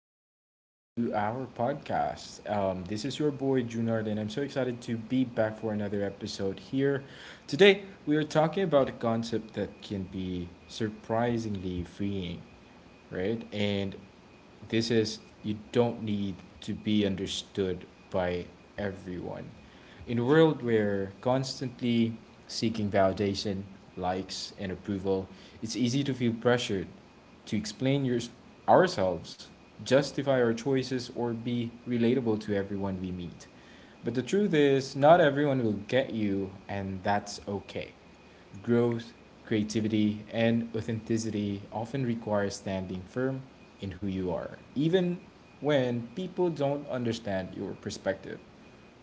welcome back to our podcast. This is your boy Junard, and I'm so excited to be back for another episode here. Today, we are talking about a concept that can be surprisingly freeing, right? And this is you don't need to be understood by everyone. In a world where constantly seeking validation, likes, and approval, it's easy to feel pressured to explain yours ourselves, justify our choices, or be relatable to everyone we meet. But the truth is, not everyone will get you, and that's okay. Growth, creativity, and authenticity often require standing firm in who you are, even when people don't understand your perspective.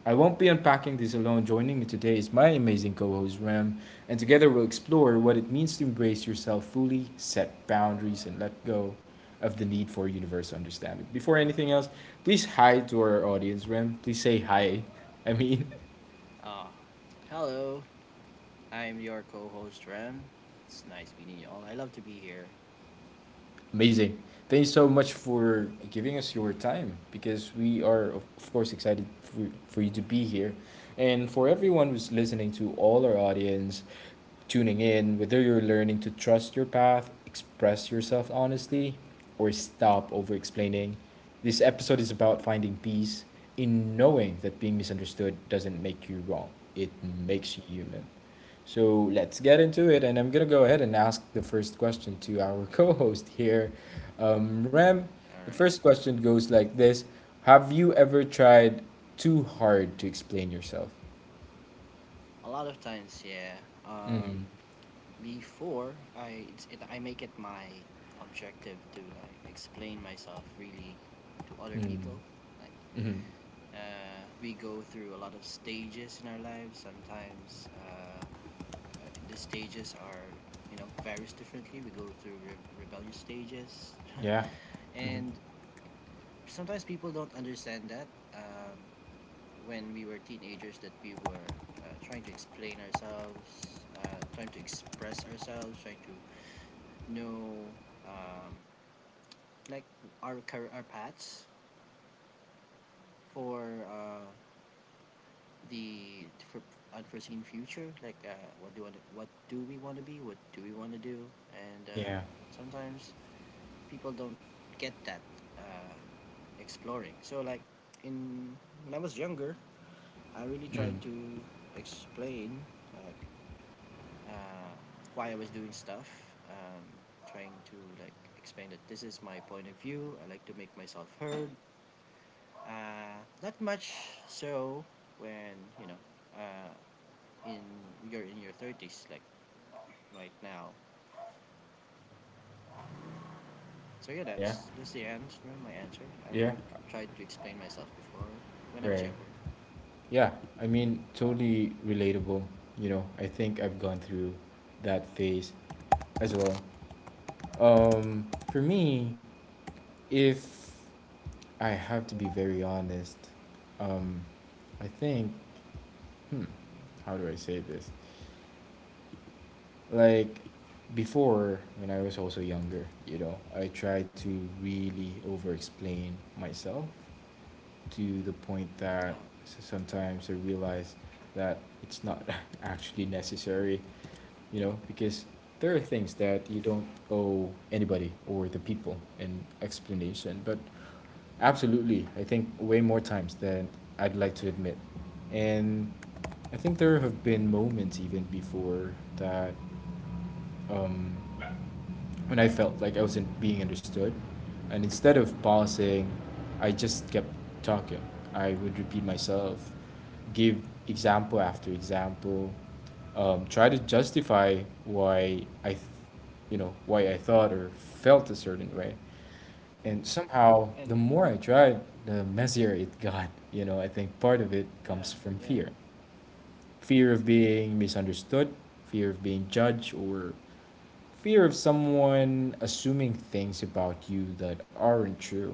I won't be unpacking this alone. Joining me today is my amazing co host, Rem, and together we'll explore what it means to embrace yourself fully, set boundaries, and let go of the need for universal understanding. Before anything else, please hi to our audience, Rem. Please say hi. I mean, Uh, Hello, I'm your co host Ram. It's nice meeting you all. I love to be here. Amazing. Thank you so much for giving us your time because we are, of course, excited for you to be here. And for everyone who's listening to all our audience, tuning in, whether you're learning to trust your path, express yourself honestly, or stop over explaining, this episode is about finding peace in knowing that being misunderstood doesn't make you wrong, it makes you human. So let's get into it, and I'm gonna go ahead and ask the first question to our co host here, Rem. The Alright. first question goes like this: have you ever tried too hard to explain yourself? A lot of times, yeah. Um, Mm-hmm. before, I, it's, it, I make it my objective to like explain myself really to other people. Mm-hmm. Like, Mm-hmm. We go through a lot of stages in our lives. Sometimes, the stages are, varies differently. We go through rebellious stages. Yeah. And sometimes people don't understand that, um, when we were teenagers, that we were trying to explain ourselves, trying to express ourselves, trying to know, um, like, our paths for, the for unforeseen future, like, what do we want to be, what do we want to do, and Yeah. sometimes people don't get that, uh, exploring, so, like, in when I was younger, I really Mm. tried to explain, like, uh, why I was doing stuff, um, trying to like explain that this is my point of view. I like to make myself heard. Uh, Not much, so when, you know, in you're in your thirties, like, right now. So yeah, Yeah. that's the end. My answer. I Yeah. have tried to explain myself before when I was Right. younger. Yeah. I mean, totally relatable. You know, I think I've gone through that phase as well. For me, if I have to be very honest, um, I think, hmm, how do I say this? Like, before, when I was also younger, you know, I tried to really over explain myself to the point Uh, that sometimes I realize that it's not actually necessary, you know, because there are yeah. things that you don't owe anybody or the people an explanation. But absolutely, I think way more times than I'd like to admit. And I think there have been moments even before that um, when I felt like I wasn't being understood. And instead of pausing, I just kept talking. I would repeat myself, give example after example, try to justify you know, why I thought or felt a certain way. And somehow, the And more I tried, the messier it got. You know, I think part of it yeah, comes from yeah, fear of being misunderstood, fear of being judged, or fear of someone assuming things about you that aren't true.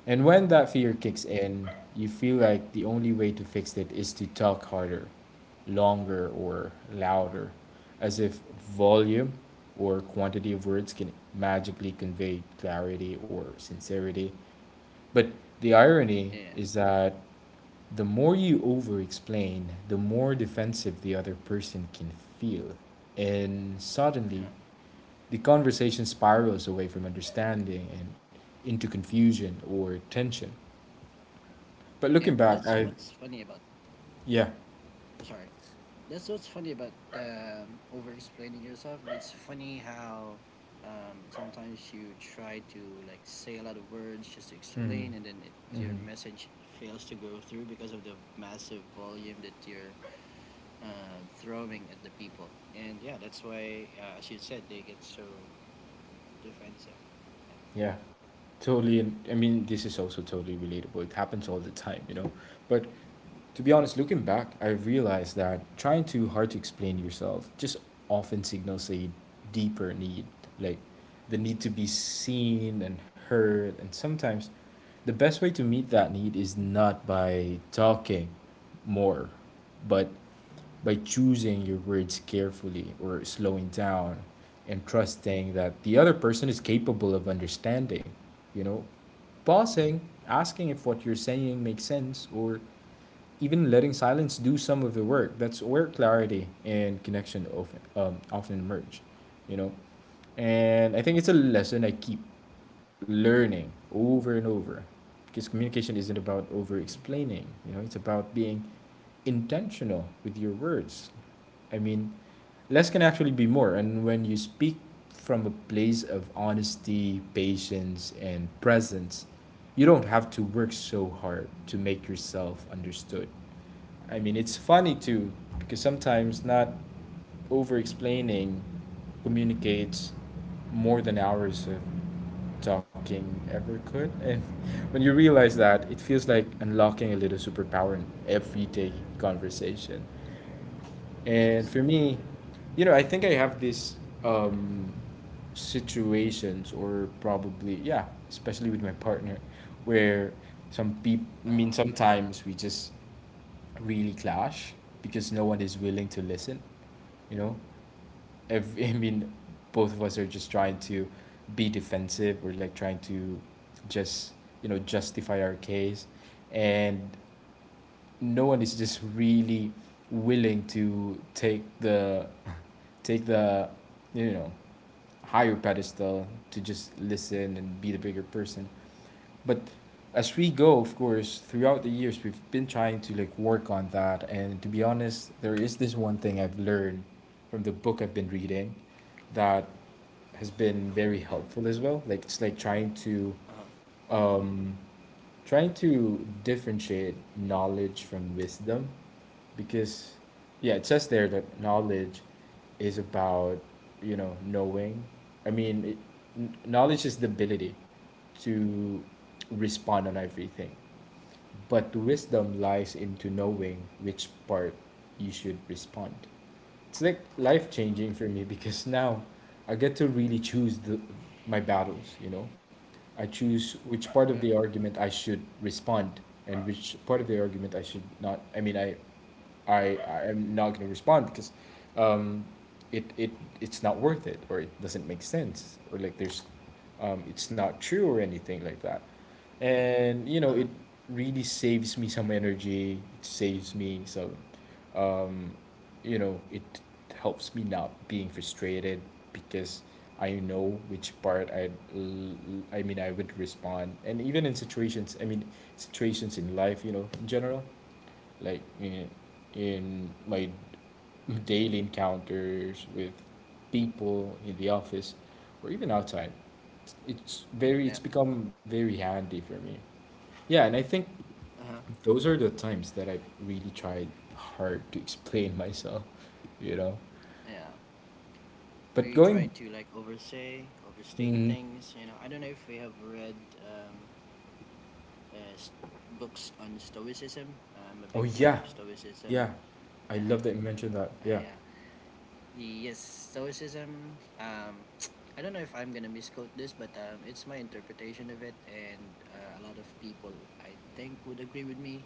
And when that fear um, kicks in, you feel like the only way to fix it is to talk harder, longer, or louder, as if volume or quantity of words can magically convey clarity or sincerity. But the irony yeah. is that the more you over explain, the more defensive the other person can feel. And suddenly, Uh-huh. the conversation spirals away from understanding and into confusion or tension. But Yeah, looking back, that's I, what's funny about. Yeah. Sorry, that's what's funny about, over-explaining yourself. It's funny how, sometimes you try to, like, say a lot of words just to Hmm. explain, and then, your Hmm. message fails to go through because of the massive volume that you're throwing at the people. And yeah, that's why, as you said, they get so defensive. Yeah. Yeah. Totally. And I mean, this is also totally relatable. It happens all the time, you know? But to be honest, looking back, I realized that trying too hard to explain yourself just often signals a deeper need, like the need to be seen and heard. And sometimes the best way to meet that need is not by talking more, but by choosing your words carefully or slowing down and trusting that the other person is capable of understanding, you know, pausing, asking if what you're saying makes sense, or even letting silence do some of the work. That's where clarity and connection often emerge, you know. And I think it's a lesson I keep learning over and over, because communication isn't about over explaining. You know, it's about being intentional with your words. I mean, less can actually be more. And when you speak from a place of honesty, patience, and presence, you don't have to work so hard to make yourself understood. I mean, it's funny too, because sometimes not over explaining communicates more than hours of talking ever could. And when you realize that, it Mhm. feels like unlocking a little superpower in everyday conversation. And for Absolutely me, right. you know, I think I have these um, situations, or probably, yeah, especially with my partner, where some people, I Uh mean, huh. Yeah. sometimes we just really clash because no one is willing to listen, you know? Ev I mean, both of us are just trying to be defensive or like trying to just, you know, justify our case. And no one is just really willing to take the, you know, higher pedestal to just listen and be the bigger person. But as we go, of course, throughout the years, we've been trying to like work on that, and to be honest, there is this one thing I've learned from the book I've been reading that has been very helpful as well. Like it's like trying to Uh huh. um trying to differentiate knowledge from wisdom, because, yeah, it says there that knowledge is about, you know, knowing. i mean it, Knowledge is the ability to respond on everything, but wisdom Yeah. lies into knowing which part you should respond. It's like life Uh changing huh. for me, because now I get to really choose my battles, you know. I choose which part of the Yeah. argument I should respond and which part of the argument I should not. I am not going to respond because, um, it it it's not worth it, or it doesn't make sense, or like there's it's not true or anything like that. And you Uh know, huh. it really saves me some energy. It saves me some, you know, it helps me not being frustrated because I know which part I would respond. And even in situations I mean situations in life, you know, in general, like in my daily encounters with people in the office or even outside, Yeah. it's become very handy for me. Yeah, and I think Uh huh. those are the times that I really tried hard to explain myself, you know. Yeah. But We try going, to, like, oversay, overstate mm, things. You know, I don't know if we have read, um, uh, s- books on Stoicism. I'm a oh big fan yeah, of Stoicism. yeah, I Yeah, love that you mentioned that. Yeah. yeah. Yes, Stoicism. I don't know if I'm gonna misquote this, but, it's my interpretation of it, and, a lot of people I think would agree with me.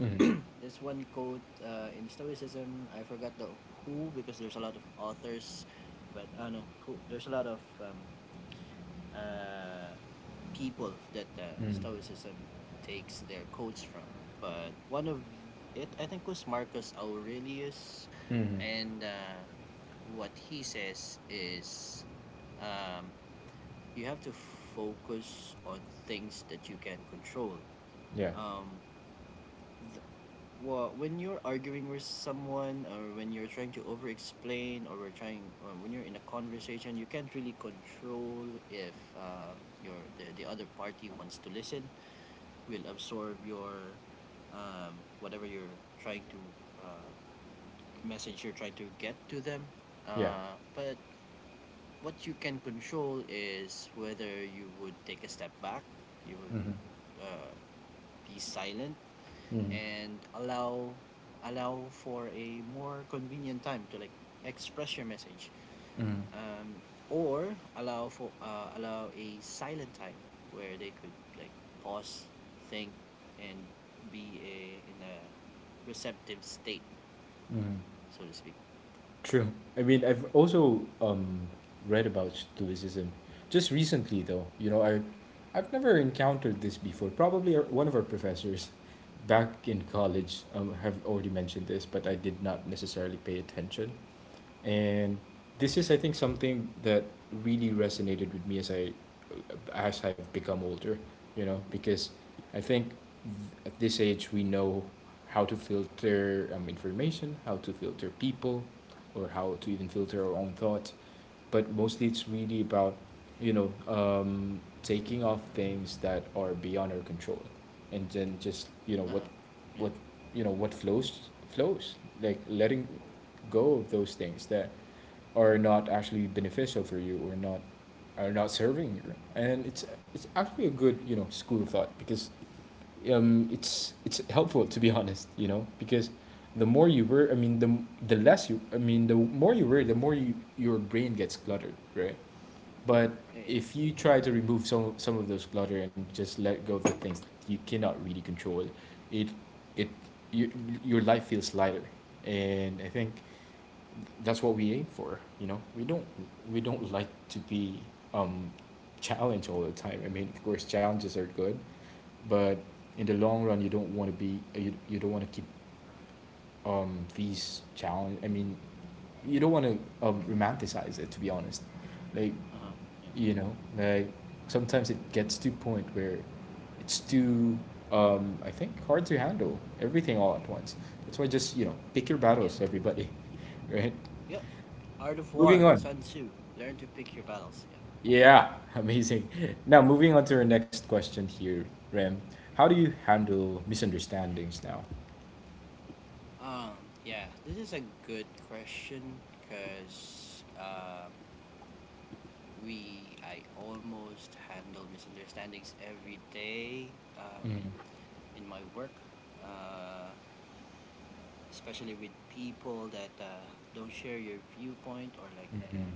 Hmm. This one quote, in Stoicism, I forgot the who because there's a lot of authors, but I, know who. There's a lot of, uh, people that, Hmm. Stoicism takes their quotes from. But one of it, I think, was Marcus Aurelius, Hmm. and, what he says is, um, you have to focus on things that you can control. Yeah. Um, well, when you're arguing with someone, or when you're trying to over explain, or we're trying, or when you're in a conversation, you can't really control if, the other party wants to listen, will absorb your, um, whatever you're trying to, uh, message you're trying to get to them, Yeah. But what you can control is whether you would take a step back. You would, Hmm. uh, be silent, Hmm. and allow for a more convenient time to, like, express your message, Hmm. um, or allow for, allow a silent time where they could, like, pause, think, and be in a receptive state, Hmm. so to speak. True. I mean, I've also read about Stoicism just recently, though. You know, I I've never encountered this before. Probably one of our professors back in college have already mentioned this, but I did not necessarily pay attention. And this is, I think, something that really resonated with me as I've become older, you know, because I think at this age we know how to filter information, how to filter people, or how to even filter our own thoughts. But mostly it's really about, you know, taking off things that are beyond our control, and then just, you know what, Uh-huh. Yeah, what you know what flows flows, like letting go of those things that are not actually beneficial for you or not are not serving you. And it's actually a good, you know, school of thought, because it's helpful, to be honest, you know, because the more you worry I mean the less you I mean the more you worry, the more you, your brain gets cluttered, right? But yeah, yeah. if you try to remove some of those clutter and just let go of the things that you cannot really control, it it you, your life feels lighter. And I think that's what we aim for. You know, we don't, we don't like to be um, challenged all the time. I mean, of course, challenges are good, but in the long run, you don't want to you don't want to keep these challenge. I mean, you don't want to romanticize it. To be honest, like, Uh-huh. Yeah. you know, like sometimes it gets to a point where it's too, I think, hard to handle everything all at once. That's why just, you know, pick your Yep. battles, everybody. Right. Yep. Art of Moving War, on. Sun Tzu. Learn to pick your battles. Yeah. Yeah, amazing. Now, moving on to our next question here, Rem. How do you handle misunderstandings now? um yeah, this is a good question, because, we I almost handle misunderstandings every day, um, Mm-hmm. in my work, uh, especially with people that, don't share your viewpoint, or, like, you Mm-hmm. know.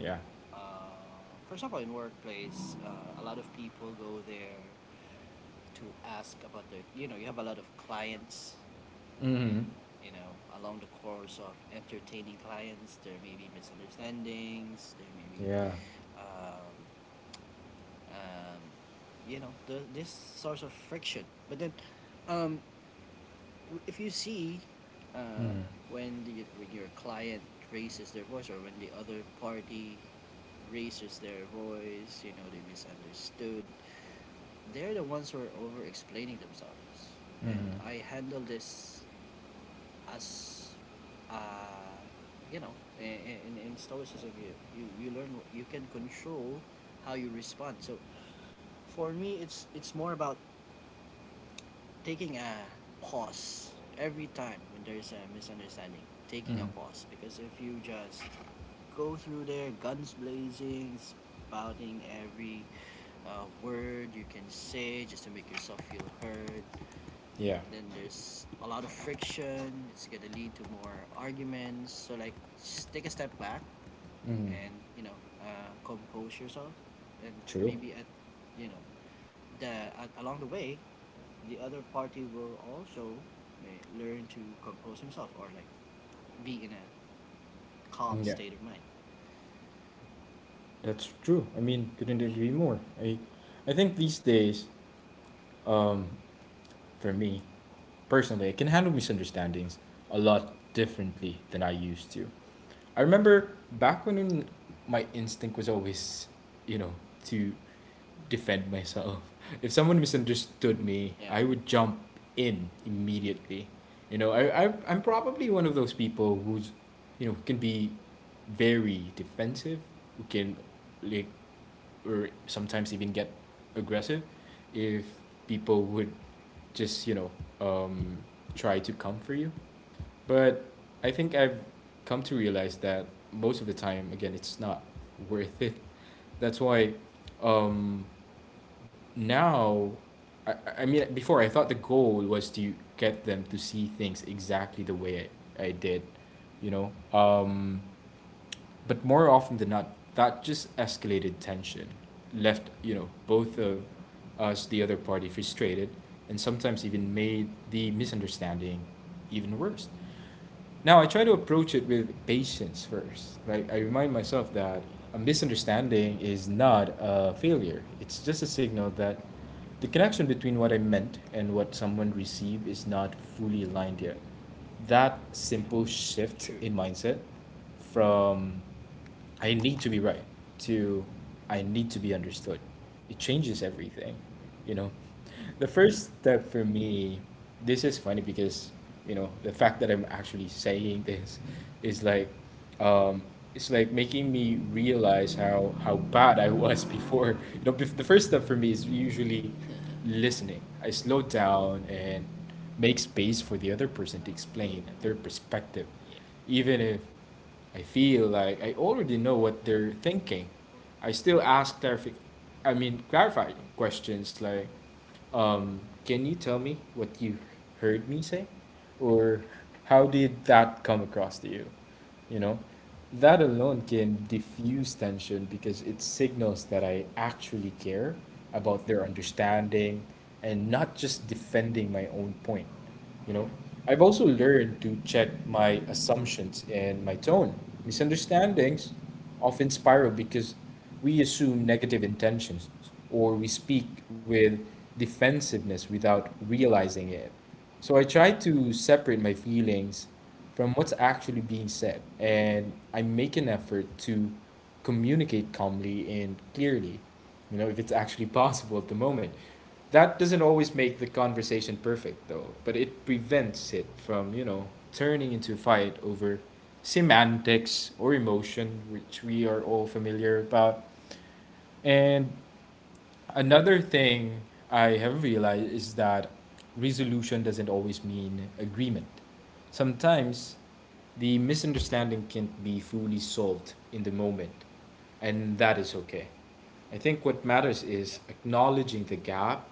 Yeah. Uh, for example, in workplace, a lot of people go there to ask about their. You know, you have a lot of clients, Mm-hmm. and, you know, along the course of entertaining clients, there may be misunderstandings. There may be. Yeah. Um, um, you know this source of friction, but then, um, if you see, uh, Mm-hmm. When your client raises their voice, or when the other party raises their voice, you know they misunderstood. They're the ones who are over explaining themselves, and Mm-hmm. I handle this as, uh, you know, in, in Stoicism, you learn you can control how you respond. So for me, it's more about taking a pause every time when there's a misunderstanding, taking a Mm-hmm. pause, because if you just go through there guns blazing, spouting every, word you can say just to make yourself feel heard, Yeah. then there's a lot of friction. It's gonna lead to more arguments. So, like, just take a step back, Mm-hmm. and, you know, compose yourself. And True. maybe at, you know, the along the way, the other party will also learn to compose himself, or, like, be in a calm Yeah. state of mind. That's true. I mean, couldn't agree more. I think these days, um, for me, personally, I can handle misunderstandings a lot differently than I used to. I remember back when my instinct was always, you know, to defend myself. If someone misunderstood Mm-hmm. me, Yeah. I would jump in immediately. You know, I'm probably one of those people who's, you know, can be very defensive, who can like or sometimes even get aggressive if people would just, you know, um try to come for you. But I think I've come to realize that most of the time, again, it's not worth it. That's why um, now, I mean, before I thought the goal was to get them to see things exactly the way I did, you know? Um, but more often than not, that just escalated tension, left, you know, both of Mm-hmm. us, the other party, frustrated, and sometimes even made the misunderstanding even worse. Now I try to approach it with patience first. Like I remind myself that Yeah. a misunderstanding is not a failure. It's just a signal that the connection between what I meant and what someone received is not fully aligned yet. That Yeah. simple shift True. in mindset from I need to be right to I need to be understood. It changes everything, you know. The first Mm-hmm. step for me, this is funny because, you know, the fact that I'm actually saying this is like um it's like making me realize how bad I was before. You know, the first step for me is usually listening. I slow down and make space for the other person to explain their perspective, Yeah. even if I feel like I already know what they're thinking. I still ask clarific I mean clarifying questions like, can you tell me what you heard me say? Or how did that come across to you? You know? That alone can diffuse tension because it signals that I actually care about their understanding and not just defending my own point. You know, I've also learned to check my assumptions and my tone. Misunderstandings often spiral because we assume negative intentions or we speak with defensiveness without realizing it. So I try to separate my feelings from what's actually being said, and I make an effort to communicate calmly and clearly, you know, if it's actually possible at the moment. That doesn't always make the conversation perfect, though, but it prevents it from, you know, turning into a fight over semantics or emotion, which we are all familiar about. And another thing I have realized is that resolution doesn't always mean agreement. Sometimes the misunderstanding can't be fully solved in the moment, and that is okay. I think what matters Yeah. is acknowledging the gap,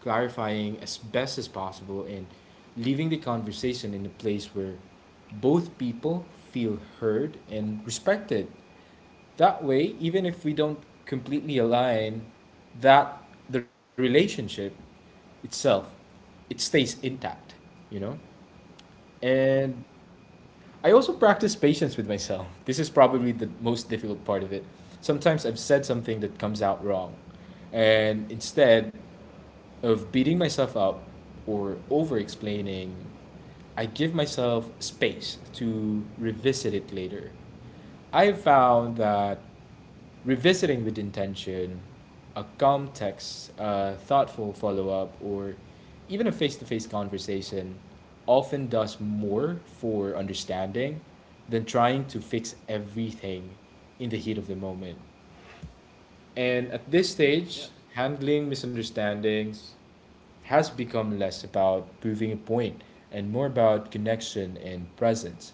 clarifying as best as possible, and leaving the conversation in a place where both people feel heard and respected. That way, even if we don't completely align, that the relationship itself, it stays intact, you know? Yeah. And I also practice patience with myself. This is probably the most difficult part of it. Sometimes I've said something that comes out wrong. And instead, of beating myself up or over explaining, I give myself space to revisit it later. I found that revisiting with intention, a calm text, a thoughtful follow up, or even a face to face conversation often does more for understanding than trying to fix everything in the heat of the moment. And at this stage, handling misunderstandings has become less about proving a point and more about connection and presence.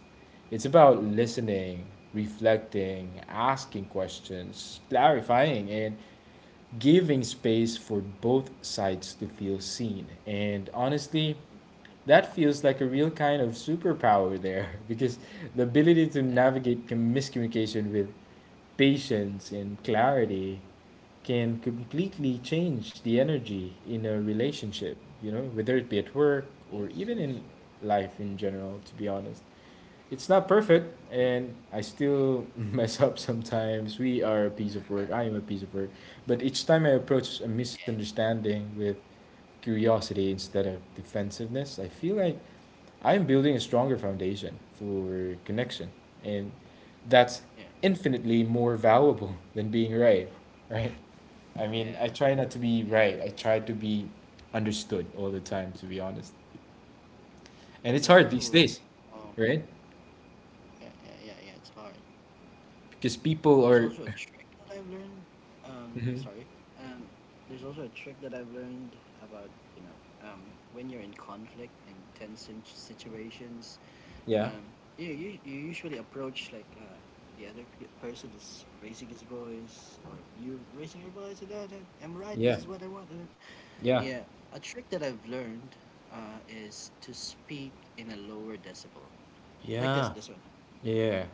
It's about listening, reflecting, asking questions, clarifying, and giving space for both sides to feel seen. And honestly, that feels like a real kind of superpower there because the ability to Yeah. navigate miscommunication with patience and clarity can completely change the energy in a relationship, you know, whether it be at work Yeah. or even in life in general, to be honest. It's not perfect, and I still mess up sometimes. We are a piece of work, I am a piece of work. But each time I approach a Yeah. misunderstanding with curiosity instead of defensiveness, I feel like I'm building a stronger foundation for connection. And that's Yeah. infinitely more valuable than being right, right? I Yeah. mean, I try not to be Yeah. right. I try to be understood all the time, to be honest. And it's There's hard also these days, a, right? yeah, yeah, yeah, yeah. It's hard. Because people There's are. also a trick that I've learned. Mhm. Sorry. Um, there's also a trick that I've learned about, you know, when you're in conflict and tense situations. Yeah. Um, you usually approach, like, the other person is raising his voice, or you raising your voice. And that, that, I'm right. This Yeah. is what I want. Yeah. Yeah, a trick that I've learned, is to speak in a lower decibel, like this. Yeah. This one. Yeah.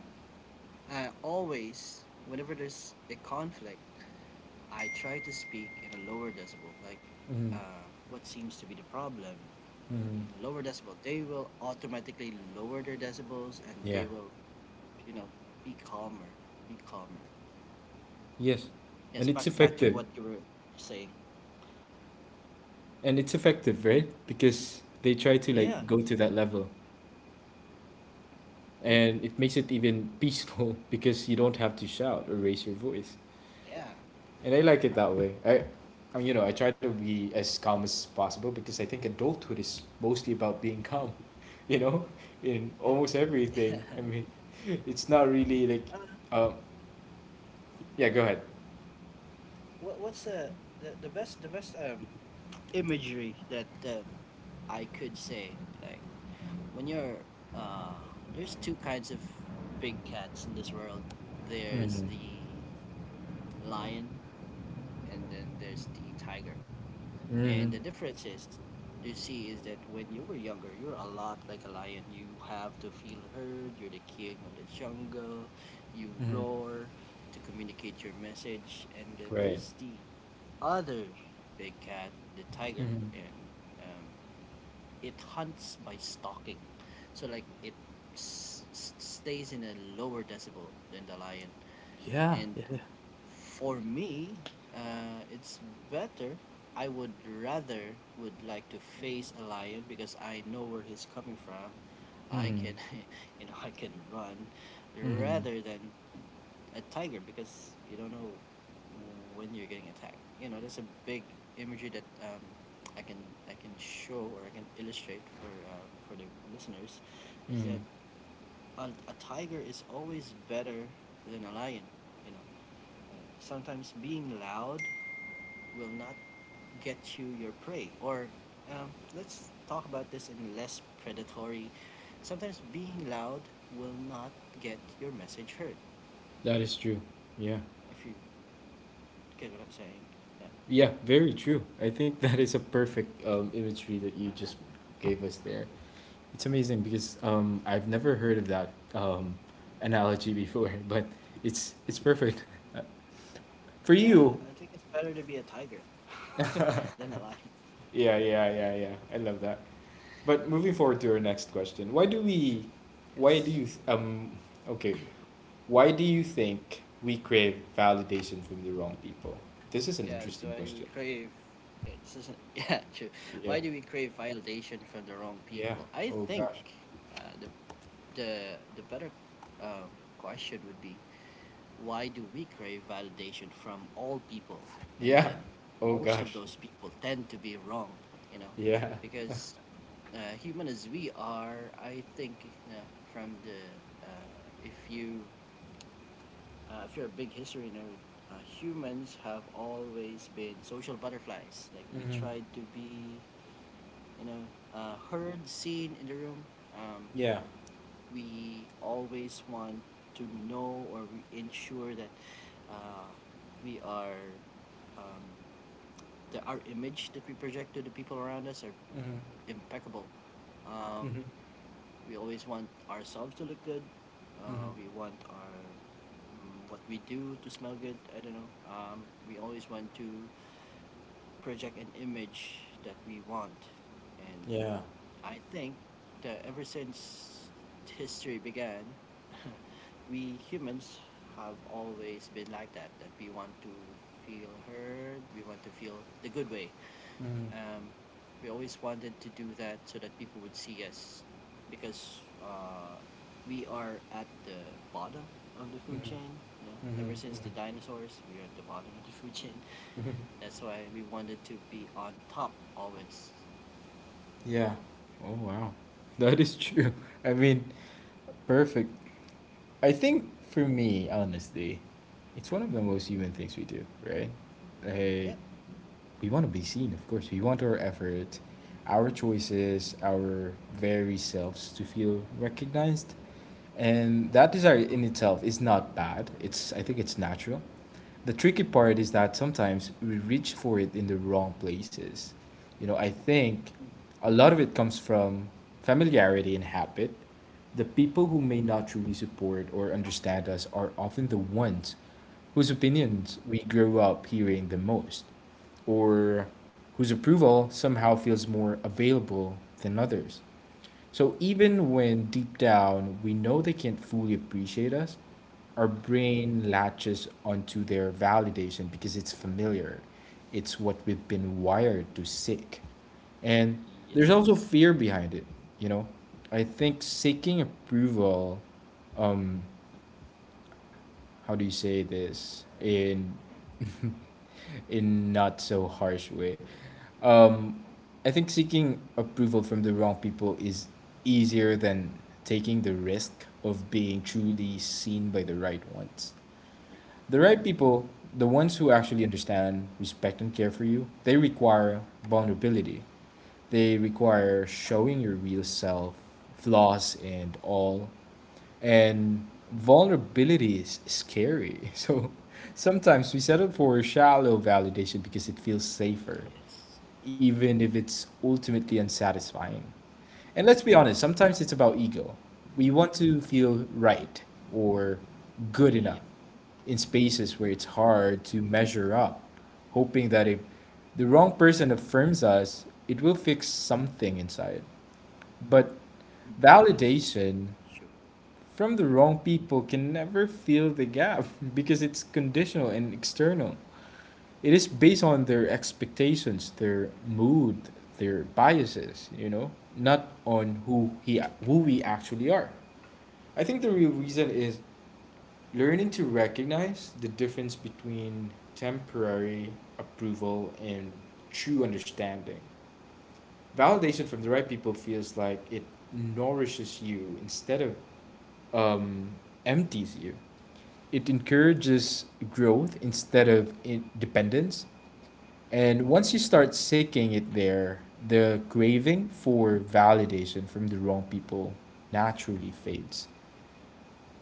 Always, whenever there's a conflict, I try to speak in a lower decibel, like, Mhm. What seems to be the problem, Mhm. in lower decibel. They will automatically lower their decibels, and Yeah. they will, you know, be calmer, be calmer. Yes. Yes, And it's back to effective. what you were saying. And it's effective, right? Because they try to Yeah. like go to that level. mm, And it makes it even peaceful because you don't have to shout or raise your voice, yeah, and I like it that way. I mean, you know, I try to be as calm as possible because I think adulthood is mostly about being calm, you know, in yeah, almost everything. yeah. I mean, it's not really like, Uh, um yeah, go ahead. what's the best imagery that, I could say, like, when you're, uh there's two kinds of big cats in this world. There's Mm-hmm. the lion, and then there's the tiger. Mm-hmm. And the difference is, you see, is that when you were younger, you're a lot like a lion. You have to feel heard. You're the king of the jungle. You Mm-hmm. roar to communicate your message. And then Right. there's the other big cat, the tiger, Mm-hmm. and, um, it hunts by stalking. So, like, it stays in a lower decibel than the lion, Yeah. and Yeah. for me, it's better. I would rather would like to face a lion because I know where he's coming from. I Mm-hmm. can, you know, I can run, Mm-hmm. rather than a tiger, because you don't know when you're getting attacked. You know, that's a big imagery that, I can I can show, or I can illustrate for, for the listeners, is Mm. that a tiger is always better than a lion. You know, sometimes being loud will not get you your prey. Or, let's talk about this in less predatory. Sometimes being loud will not get your message heard. That is true. Yeah. If you get what I'm saying. Yeah. Yeah, very true. I think that is a perfect imagery that you just gave us there. It's amazing because I've never heard of that analogy before, but it's perfect for Yeah, you. I think it's better to be a tiger Yeah, than a lion. yeah, yeah, yeah. I love that. But moving forward to our next question, why do we, why do Yes. you, th- okay, why do you think we crave validation from the wrong people? This is an Yeah, so interesting why do we question. crave. Yeah, this isn't. Yeah, true. Yeah, Why do we crave validation from the wrong yeah. people? I Oh think, gosh. The better, um, question would be, why do we crave validation from all people? And Yeah. then Oh most of gosh. those people tend to be wrong, you know, Yeah. because, human as we are, I think, you know, from the, uh, if you, if you're a big history nerd, humans have always been social butterflies. Like, we Mm-hmm. tried to be, you know, heard, seen in the room. Um, Yeah. we always want to know, or we ensure that, uh, we are, um, our image that we project to the people around us are Mm-hmm. impeccable. Um, Mm-hmm. we always want ourselves to look good. Mm-hmm. We want our, what we do, to smell good. I don't know. We always want to project an image that we want, and Yeah. I think that ever since history began, we humans have always been like that, that we want to feel heard, we want to feel the good way. Mm-hmm. Um, we always wanted to do that so that people would see us, because, we are at the bottom of the food chain. You know, Mm-hmm. ever since the Mm-hmm. dinosaurs, we are at the bottom of the food chain. Mm-hmm. That's why we wanted to be on top always. Yeah. Oh wow. That is true. I mean, perfect. I think for me, honestly, it's one of the most human things we do, right? Like Yep. we want to be seen, of course. We want our effort, Yep. our choices, our very selves to feel recognized. And that desire in itself is not bad. It's I think it's natural. The tricky part is that sometimes we reach for it in the wrong places. You know, I think Mhm. a lot of it comes from familiarity and habit. The people who may not truly support or understand us are often the ones whose opinions we grew up hearing the most, or whose approval somehow feels more available than others. So even when deep down we know they can't fully appreciate us, our brain latches onto their validation because it's familiar. It's what we've been wired to seek. And there's also Yes. fear behind it, you know? I think seeking approval, um, how do you say this in in not so harsh way. Um, I think seeking approval from the wrong people is easier than taking the risk of being truly seen by the right ones. The right people, the ones who actually understand, respect, and care for you, they require vulnerability. They require showing your real self, flaws and all. And vulnerability is scary. So sometimes we settle for shallow validation because it feels safer, Yes. even if it's ultimately unsatisfying. And let's be honest, sometimes it's about ego. We want to feel right or good enough Yep. in spaces where it's hard to measure up, hoping that if the wrong person affirms us, it will fix something inside. But Mm, that's validation true. from the wrong people can never fill the gap because it's conditional and external. It is based on their expectations, their mood, their biases, you know, not on who we actually are. I think the real reason is learning to recognize the difference between temporary approval and true understanding. Validation from the right people feels like it nourishes you instead of um, empties you. It encourages growth instead of dependence. And once you start seeking it there, the craving for validation from the wrong people naturally fades.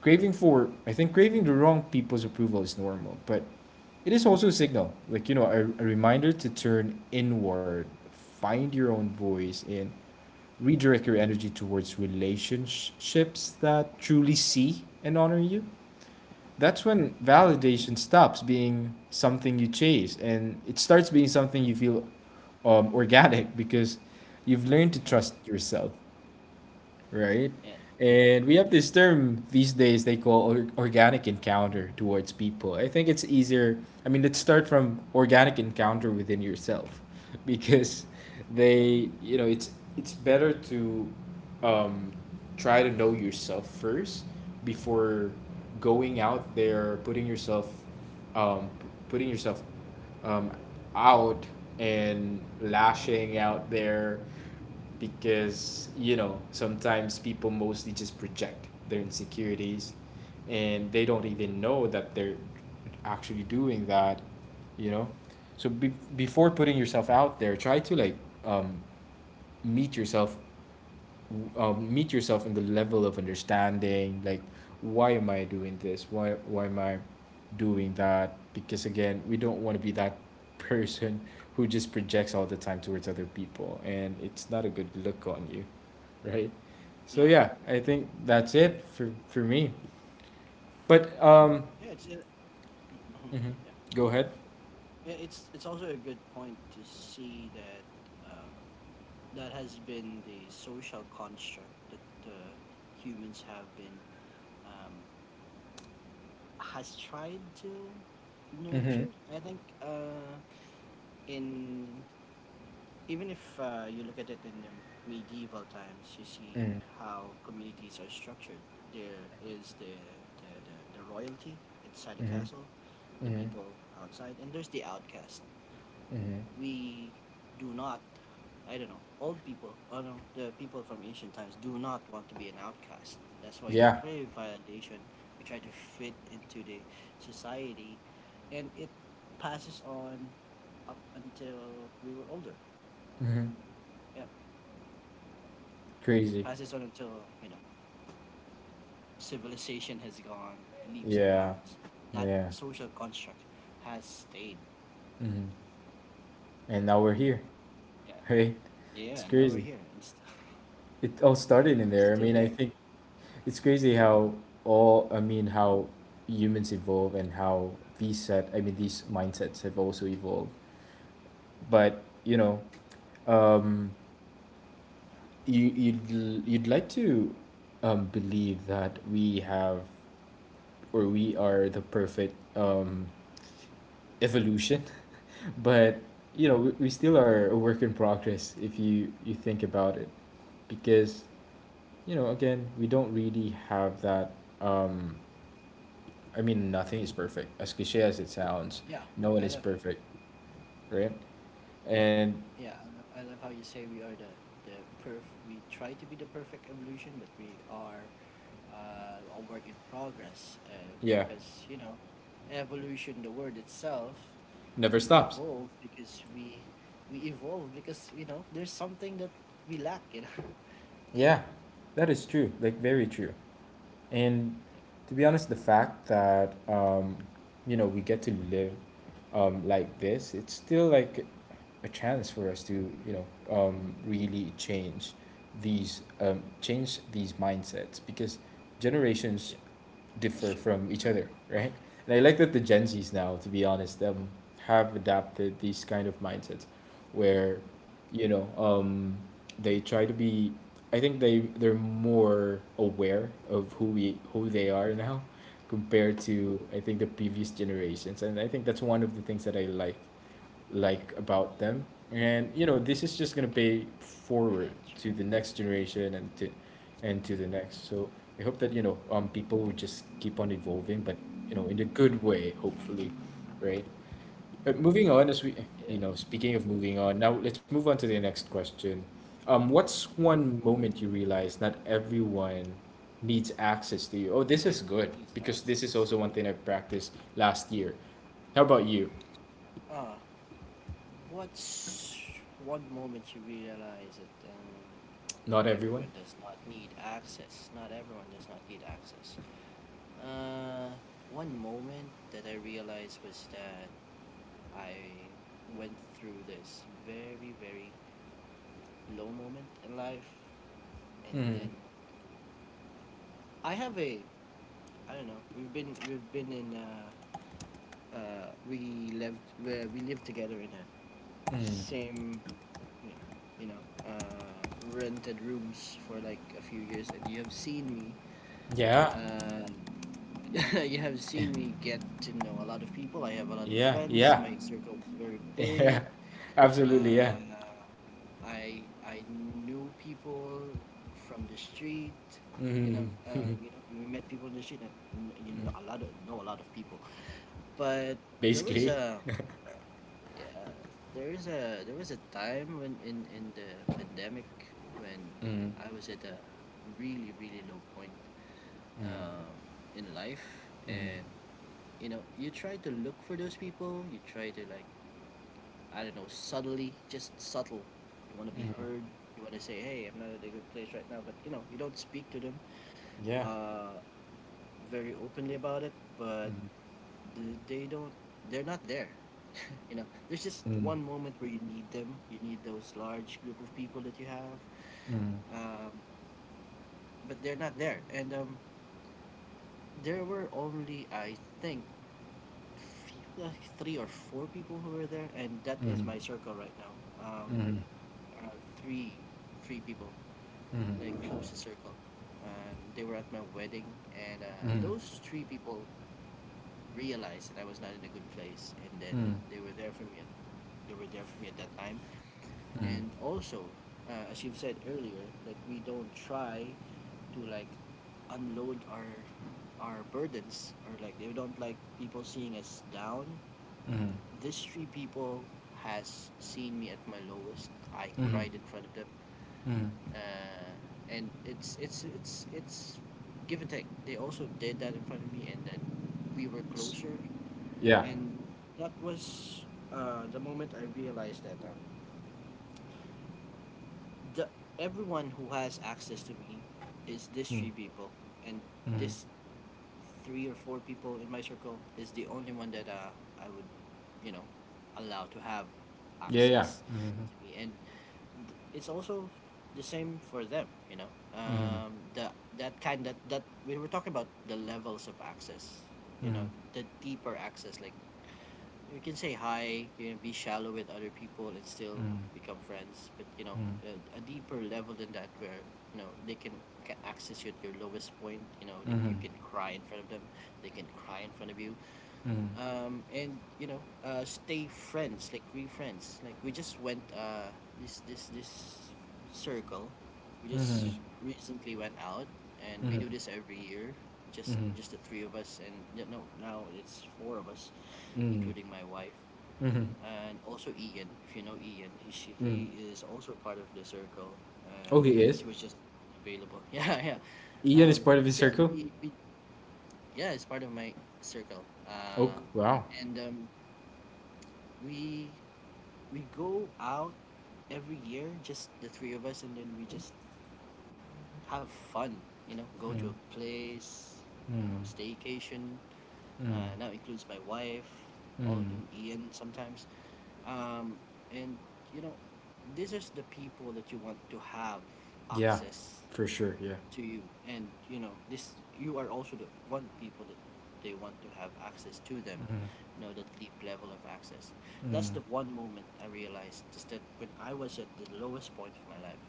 Craving for, I think, craving the wrong people's approval is normal, but it is also a signal, like, you know, a reminder to turn inward, find your own voice, and redirect your energy towards relationships that truly see and honor you. That's when Mm. Validation stops being something you chase and it starts being something you feel, organic, because you've learned to Yeah. trust yourself, right? Yeah. True. And we have this term these days they call organic encounter towards people. I think it's easier. I mean, let's start from organic encounter within yourself, because Yep. they, you know, it's better to um, try to know yourself first before going out there, putting yourself, putting yourself um, out and lashing out there, because you know sometimes people mostly just project their insecurities and they don't even know that they're actually doing that, you know. So before putting yourself out there, try to like um, meet yourself, meet yourself in the level of understanding, like why am I doing this, why am I doing that, because again we don't want to be that person who just projects all the time towards other people, and it's not a good look on you, right? So Yeah. yeah, I think Yeah. that's True. it for me. But Yeah. It's it. Mhm. Yeah. go ahead. Yeah, it's also a good point to see that, uh, that has been the social construct that, humans have been, um, has tried to Mm-hmm. nurture. I think, in even if, you look at it in the medieval times, you see Mm-hmm. how communities are structured. There is the royalty inside the Mm-hmm. castle, the Mm-hmm. people outside, and there's the outcast. Mm-hmm. We do not, I don't know, old people, or no, the people from ancient times do not want to be an outcast. That's why we Yeah. crave validation. We try to fit into the society, and it passes on up until we were older. Mm-hmm. Yeah, Crazy. passes on until, you know, civilization has gone leaps and Yeah. bounds. That Yeah. social construct has stayed. Mm-hmm. And now we're here. Right? It's Yeah, now we're crazy. here and It all started in there. I still mean, I there. think it's crazy how all, I mean, how humans evolve and how these set, I mean, these mindsets have also evolved. But, you know, um, you'd like to believe that we have or we are the perfect evolution. But, you know, we still are a work in progress if you think about it. Because you know, again, we don't really have that. Um, I mean, nothing is perfect, as cliche as it sounds. Yeah, No one I is love. perfect, right? And Yeah, I love how you say we are the the perf. We try to be the perfect evolution, but we are a work in progress. Yeah, Because evolution, the word itself, never we stops. evolve because we we evolve because there's something that we lack. Yeah, that is true. Like, very true. And to be honest, the fact that, you know, we get to live like this, it's still like a chance for us to, you know, really change change these mindsets because generations Yeah, differ sure. from each other, right? And I like that the Gen Zs now, to be honest, have adapted these kind of mindsets where, you know, they try to be. I think they're more aware of who they are now, compared to I think the previous generations, and I think that's one of the things that I like about them. And you know, this is just gonna pay forward Hatcher. to the next generation and to the next. So I hope that you know people would just keep on evolving, but you know, in a good way, hopefully, right? But moving on, as we Yeah, you know, speaking of moving on, now let's move on to the next question. What's one moment you realize not everyone needs access to you? Oh, this is good these because this is axes. also one thing I practiced last year. How about you? Ah, what's one moment you realize that Not everyone? everyone does not need access? Not everyone does not need access. Uh, One moment that I realized was that I went through this very, very low moment in life, and Mm, then I have a I don't know. We've been in we lived where we lived together in a mm. same yeah, you know, uh, rented rooms for like a few years, and you have seen me. Yeah, Uh, you have seen me get to know a lot of people. I have a lot of yeah, friends. yeah, My circle is very yeah, big. absolutely, yeah. Uh, I knew people from the street. Mm, We met people in the street, and you know a lot of know a lot of people. But there was basically, a Yeah, there was a time when in the pandemic when mm, I was at a really really low point um, in life, and you try to look for those people. You try to like I don't know subtly, just subtle. You want to be heard. You want to say, hey, I'm not at a good place right now, but you don't speak to them yeah. uh, very openly about it, but Mm, th- they don't they're not there. You know there's just mm, one moment where you need those large group of people that you have, mm, um, but they're not there, and there were only I think few, like three or four people who were there, and that is mm, my circle right now. um, mm, around three three people, like mm, closest circle, and they were at my wedding. And mm, mm, those three people realized that I was not in a good place, and then they were there for me at, they were there for me at that time. And also, as you've said earlier, like we don't try to like unload our burdens, or like they don't like people seeing us down. mm, mm, This three people has seen me at my lowest. I mm, cried in front of them. mm. uh, and it's give and take. They also did that in front of me, and then we were S- closer. Yeah, And that was the moment I realized that, the everyone who has access to me is these three people. And this three or four people in my circle is the only one that I would, you know, allow to have yeah, yeah. access Mhm, to me. And it's also the same for them. You know, mhm, the That kind that we were talking about, the levels of access. You know, mhm, the deeper access, like you can say hi, you know, be shallow with other people and still mhm, become friends. But you know, a deeper level than that, where you know can access you at your lowest point. You know, they, mhm, you can cry in front of them, they can cry in front of you, mhm, and you know, stay friends. Like we just went this circle. We mhm, just recently went out, and we do this every year. Just the three of us, and you know, now it's four of us, including my wife mhm, and also Ian. If you know Ian, mhm. he is also part of the circle. Oh, uh, he but is? he was just available. Yeah, yeah. Ian is part of But the yeah, circle? Yeah, it's part of my circle. Oh, wow. And we we go out every year, just the three of us, and then we just have fun. You know, go to Mm, a place. You know, mm, staycation. Now includes my wife, all mm. in Ian sometimes. Um, and you know, these is the people that you want to have Yeah, access for sure, yeah. to you. And you know, this you are also the one people that they want to have access to them. You know that deep level of access. That's the one moment I realized is that when I was at the lowest point of my life,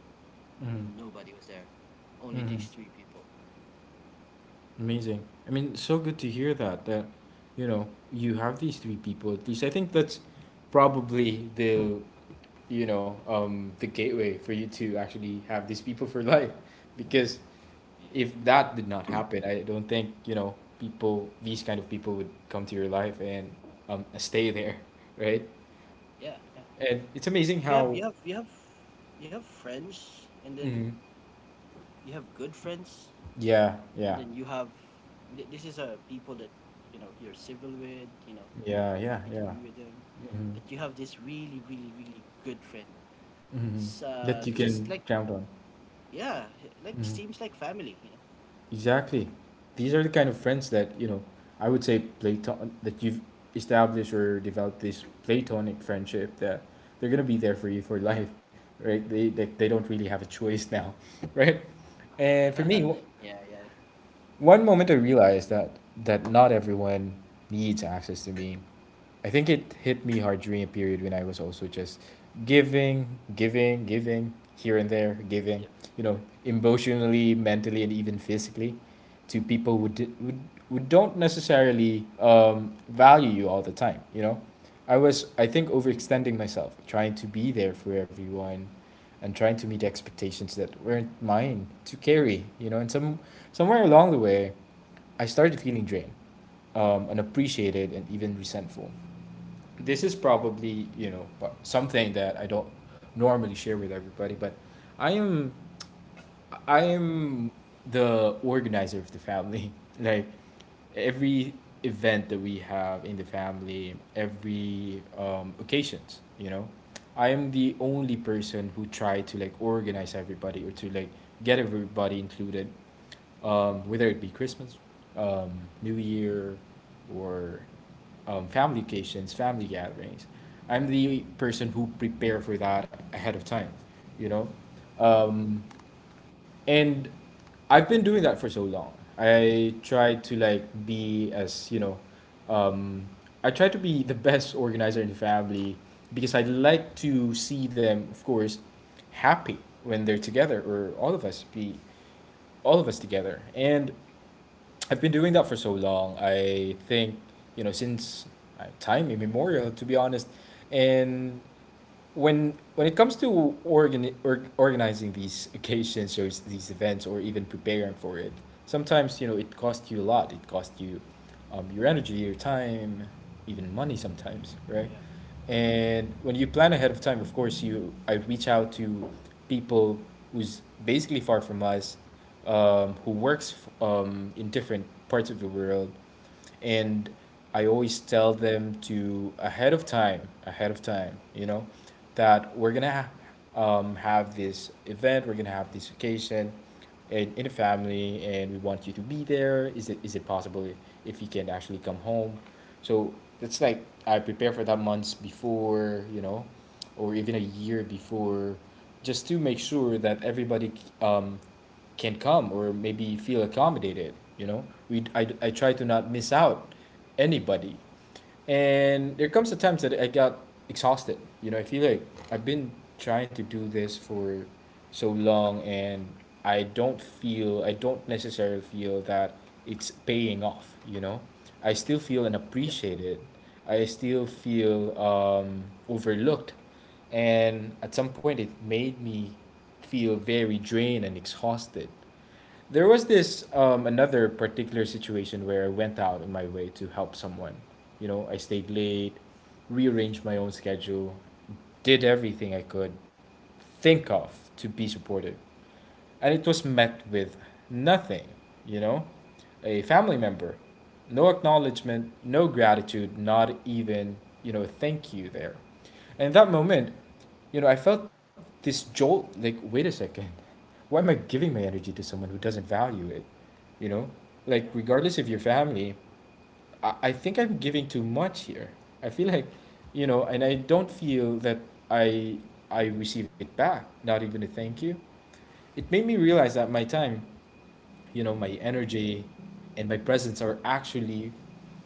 nobody was there, only these three people. Amazing. I mean, so good to hear that you know you have these three people at least. I think that's probably the you know the gateway for you to actually have these people for life, because Yep. if that did not happen, I don't think you know people these kind of people would come to your life and stay there, right? Yeah, yeah. And it's amazing 'Cause how you have friends, and then Mhm. you have good friends, Yeah, and yeah, then you have this is a people that you know you're civil with. You know yeah, you're yeah, happy to yeah. be with them. But you have this really really really good friend. Hmm, that you Just can like count on. yeah, like it seems like family, you know. Exactly. These are the kind of friends that, you know, I would say platon that you've established or developed this platonic friendship that they're gonna be there for you for life, right? They don't Yep. really have a choice now, right? And for me, Yeah, yeah. one moment I realized that not everyone needs access to me. I think it hit me hard during a period when I was also just giving, giving, giving here and there, giving, Yep. you Yep. know, emotionally, mentally, and even physically to people who don't necessarily value you all the time. You know, I was I think Hmm. overextending myself trying to be there for everyone and trying to meet expectations that weren't mine to carry, you know, and somewhere along the way I started feeling drained, Yeah, unappreciated and even resentful. This is probably you know something that I don't normally share with everybody but i am I am the organizer of the family. Like every event that we have in the family, every occasions, you know, I am the only person who try to like organize everybody or to like get everybody included, whether it be Christmas, um, New Year, or family occasions, family gatherings. I'm the person who prepare for that ahead of time, you know, and I've been doing that for so long. I try to like be as you know, um, I try to be the best organizer in the family because I like to see them, of course, happy when they're together or all of us together. And I've been doing that for so long. I think, you know, since time immemorial, to be honest. And when it comes to organizing these occasions or these events or even preparing for it, sometimes you know it costs you a lot it costs you your energy, your time, even money sometimes, yeah, right? yeah. And when you plan ahead of time, of course you I reach out to people who's basically far from us, who in different parts of the world. And I always tell them to ahead of time, you know, that we're gonna have this event, we're gonna have this occasion, in the family, and we want you to be there. Is it possible if you can actually come home? So it's like I prepare for that months before, you know, or even a year before, just to make sure that everybody um, can come or maybe feel accommodated. You know, we I try to not miss out anybody. And there comes a times that I got exhausted. You know, I feel like I've been trying to do this for so long and I don't necessarily feel that it's paying off, you know. I still feel Yep. unappreciated, I still feel overlooked, and at some point it made me feel very drained and exhausted. There was this another particular situation where I went out of my way to help someone. You know, I stayed late, rearranged my own schedule, did everything I could think of to be supportive, and it was met with nothing, you know? A family member, no acknowledgement, no gratitude, not even, you know, thank you there. And in that moment, you know, I felt this jolt like, wait a second, why am I giving my energy to someone who doesn't value it? You know, Yeah. like, regardless of your family, I think I'm giving too much here. I feel like, you know, and I don't feel that I I receive it back, not even a thank you. It made me realize that my time, you know, my energy and my presence are actually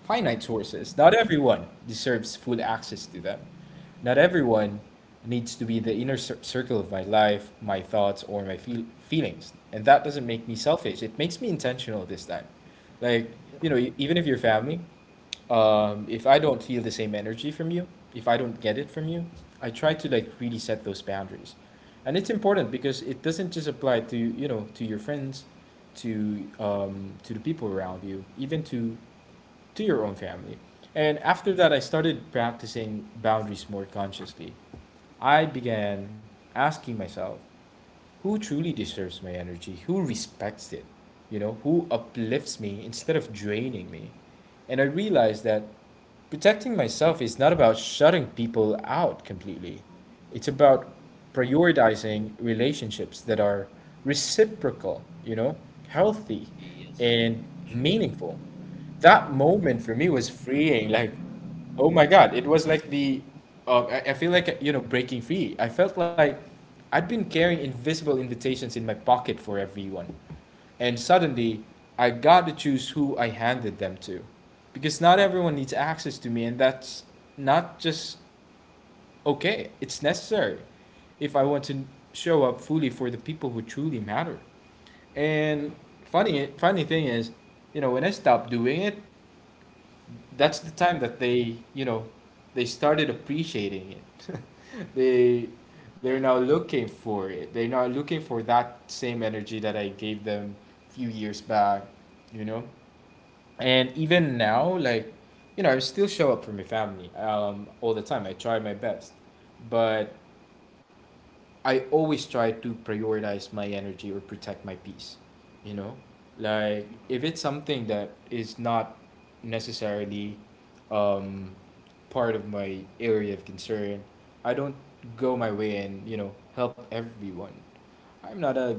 finite sources. Not everyone deserves full access to them. Not everyone needs to be the inner circle of my life, my thoughts, or my feelings. And that doesn't make me selfish. It makes me intentional this time. Like, Yep. you know, even if you're family, if I don't feel the same energy from you, if I don't get it from you, I try to like really set those boundaries. And it's important because it doesn't just apply to, you know, to your friends, to the people around you, even to your own family. And after that, I Hmm. started practicing boundaries more consciously. I began asking myself, who truly deserves my energy, who respects it, you know, who uplifts me Yeah. instead of draining me. And I realized that protecting myself is not about shutting people out completely, it's about prioritizing relationships that are reciprocal, you know, healthy Yes. and Sure. meaningful. That moment for me was freeing. Like, oh my God, it was like the I feel like you know breaking free. I felt like I'd been carrying invisible invitations in my pocket for everyone. And suddenly, I got to choose who I handed them to. Because not everyone needs access to me, and that's not just okay, it's necessary if I want to show up fully for the people who truly matter. And funny thing is, you know, when I stopped doing it, that's the time that they you know they started appreciating it. they Yeah. they're now looking for it, they're now looking for that same energy that I gave them a few years back, you know. And even now like you know I still show up for my family, all the time I try my best, but I always try to prioritize my energy or protect my peace, you know? Like Mhm. if it's something that is not necessarily um part of my area of concern, I don't go my way and, you know, help everyone. I'm not a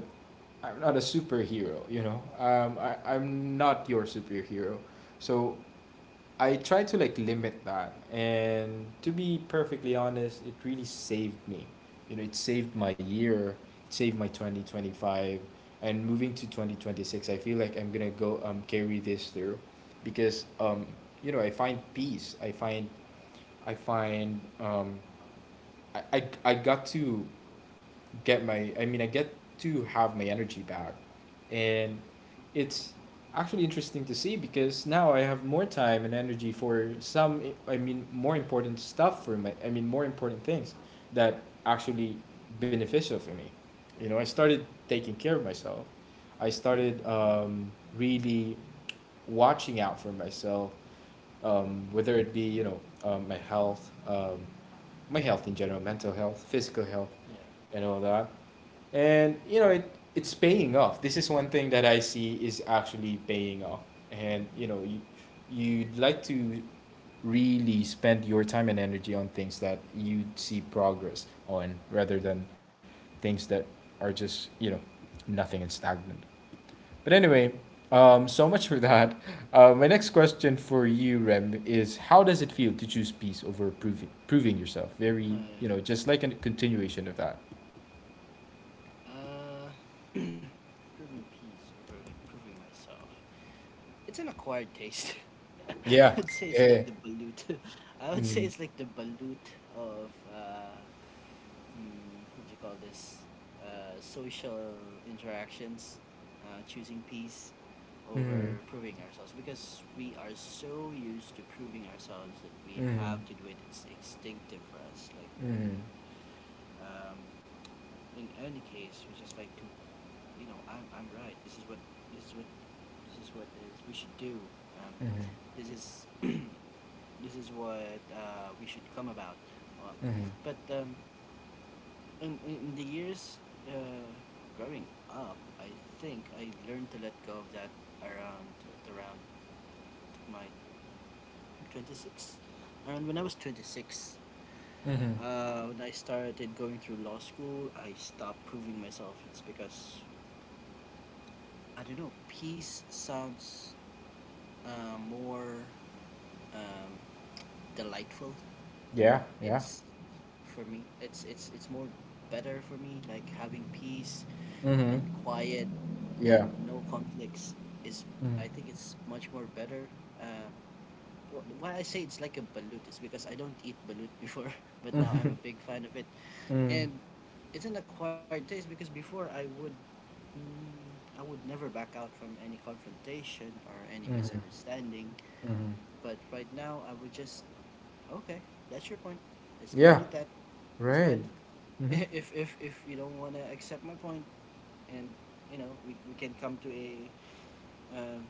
I'm not a superhero, you know. I'm not your superhero. So I try to like limit that. And to be perfectly honest, it really saved me. You know, it saved my year, it saved my 2025. And moving to 2026, I feel like I'm going to go carry this through because you know, I find peace. I find um I got to get my I mean I get to have my energy back. And it's actually interesting to see because now I have more time and energy for some I mean more important stuff for my I mean more important things that actually beneficial for me. You know, I started taking care of myself. I started really watching out for myself, whether it be my health in general, mental health, physical health, Yeah. and all that. And you know, it's paying off. This is one thing that I see is actually paying off. And you know, you, you'd like to really spend your time and energy on things that you see progress on, rather than things that are just nothing and stagnant. But anyway, so much for that. My next question for you, Rem, is how does it feel to choose peace over proving yourself? uh, Very, you know, just like a continuation of that. uh proving peace over like proving myself. It's an acquired taste. I Yeah, would say it's like yeah. the balut. I would say it's like the balut of mm, what do you call this? Social interactions, choosing peace Mhm. over proving ourselves, because we are so used to proving ourselves that we have Mhm. to do it. It's instinctive for us. Like we, Mhm. um, in any case, we just like to, you know, I'm right. This is what this is what is we should do. Um, Mhm. this is this is what we should come about. Uh, Mhm. but in the years, uh, growing up, I think I learned to let go of that around at around my 26. And when I was 26, Mhm. When I started going through law school, I stopped proving myself. It's because I don't know. Peace sounds uh, more, um, delightful. Yeah, yeah. It's for me. It's more better for me. Like having peace Mhm. and quiet Yeah. and no conflicts is. Mhm. I think it's much more better. Um, why I say it's like a balut is because I don't eat balut before, but now I'm a big fan of it. Mhm. And it's an acquired taste because before I would, mm, I would never back out from any confrontation or any Mhm. misunderstanding. Mhm. But right now, I would just okay. That's your point. Let's leave it Yeah, at that. This is right. mine. Mhm. If you don't wanna accept my point, and you know we can come to a uh,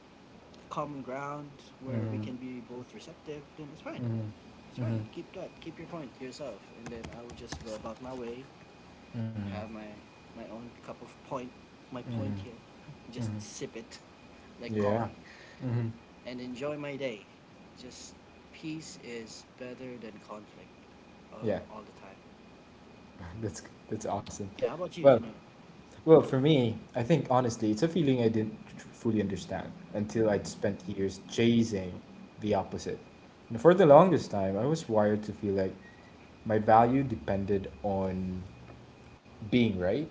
common ground where we Mhm. can be both receptive, then it's fine. Mhm. It's fine. Mhm. Keep that. Keep your point to yourself, and then I will just go about my way, Mhm. have my own cup of point, my point Mhm. here, just Mhm. sip it like Yeah. coffee Mhm. and enjoy my day. Just peace is better than conflict Yeah. all the time. That's that's awesome. Yeah, how about you, Well, Junaid? Well, for me, I think honestly, it's a feeling I didn't fully understand until I'd spent years chasing the opposite. And for the longest time, I was wired to feel like my value depended on being right,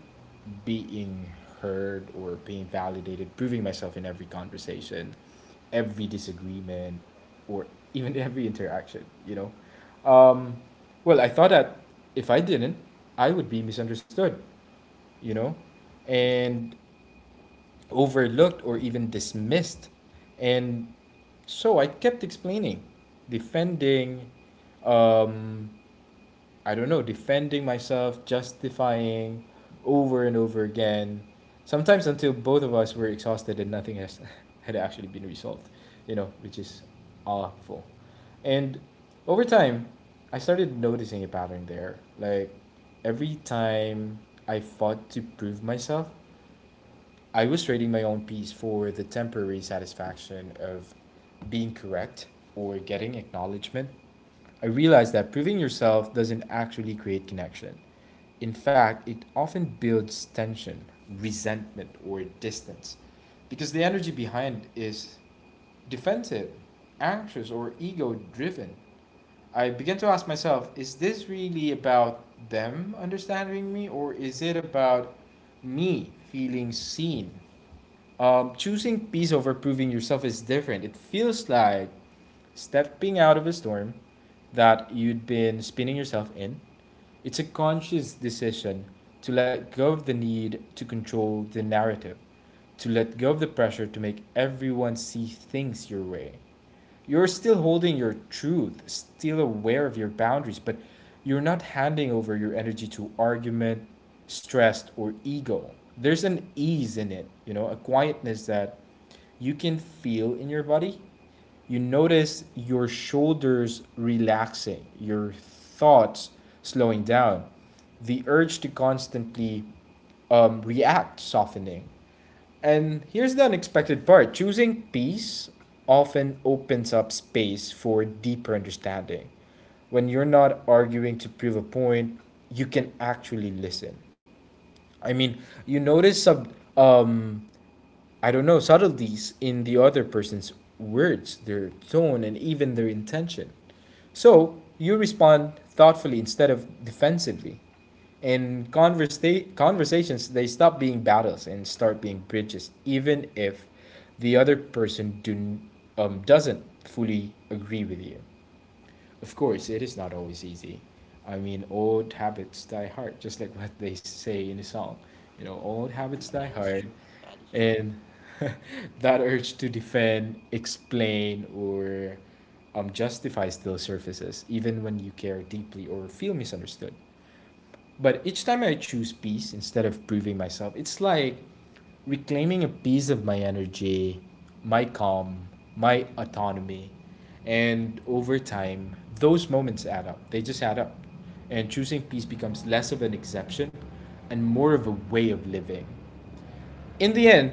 being heard, or being validated, proving myself in every conversation, every disagreement, or even every interaction, you know? Um, well, I thought that if I didn't, I would be misunderstood, you know? And overlooked or even dismissed. And so I kept explaining, defending, um, I don't know, defending myself, justifying over and over again, sometimes until both of us were exhausted and nothing has, had actually been resolved, you know, which is awful. And over time, I started noticing a pattern there. Like every time I fought to prove myself, I was writing my own piece for the temporary satisfaction of being correct or getting acknowledgement. I realized that proving yourself doesn't actually create connection. In fact, it often builds tension, resentment, or distance because the energy behind is defensive, anxious, or ego driven. I began to ask myself, is this really about them understanding me, or is it about me feeling seen? Choosing peace over proving yourself is different. It feels like stepping out of a storm that you'd been spinning yourself in. It's a conscious decision to let go of the need to control the narrative, to let go of the pressure to make everyone see things your way. You're still holding your truth, still aware of your boundaries, but you're not handing over your energy to argument, stress, or ego. There's an ease in it, you know, a quietness that you can feel in your body. You notice your shoulders relaxing, your thoughts slowing down, the urge to constantly react softening. And here's the unexpected part: choosing peace often opens up space for deeper understanding. When you're not arguing to prove a point, you can actually listen. I mean, you notice sub um I don't know, subtleties in the other person's words, their tone, and even their intention. So you respond thoughtfully instead of defensively. In conversations, they stop being battles and start being bridges, even if the other person doesn't fully agree with you. Of course, it is not always easy. I mean, old habits die hard, just like what they say in the song. You know, old habits die That is hard, true. That is true. and that urge to defend, explain, or justify still surfaces, even when you care deeply or feel misunderstood. But each time I choose peace instead of proving myself, it's like reclaiming a piece of my energy, my calm, my autonomy. And over time, those moments add up. They just add up. And choosing peace becomes less of an exception and more of a way of living. In the end,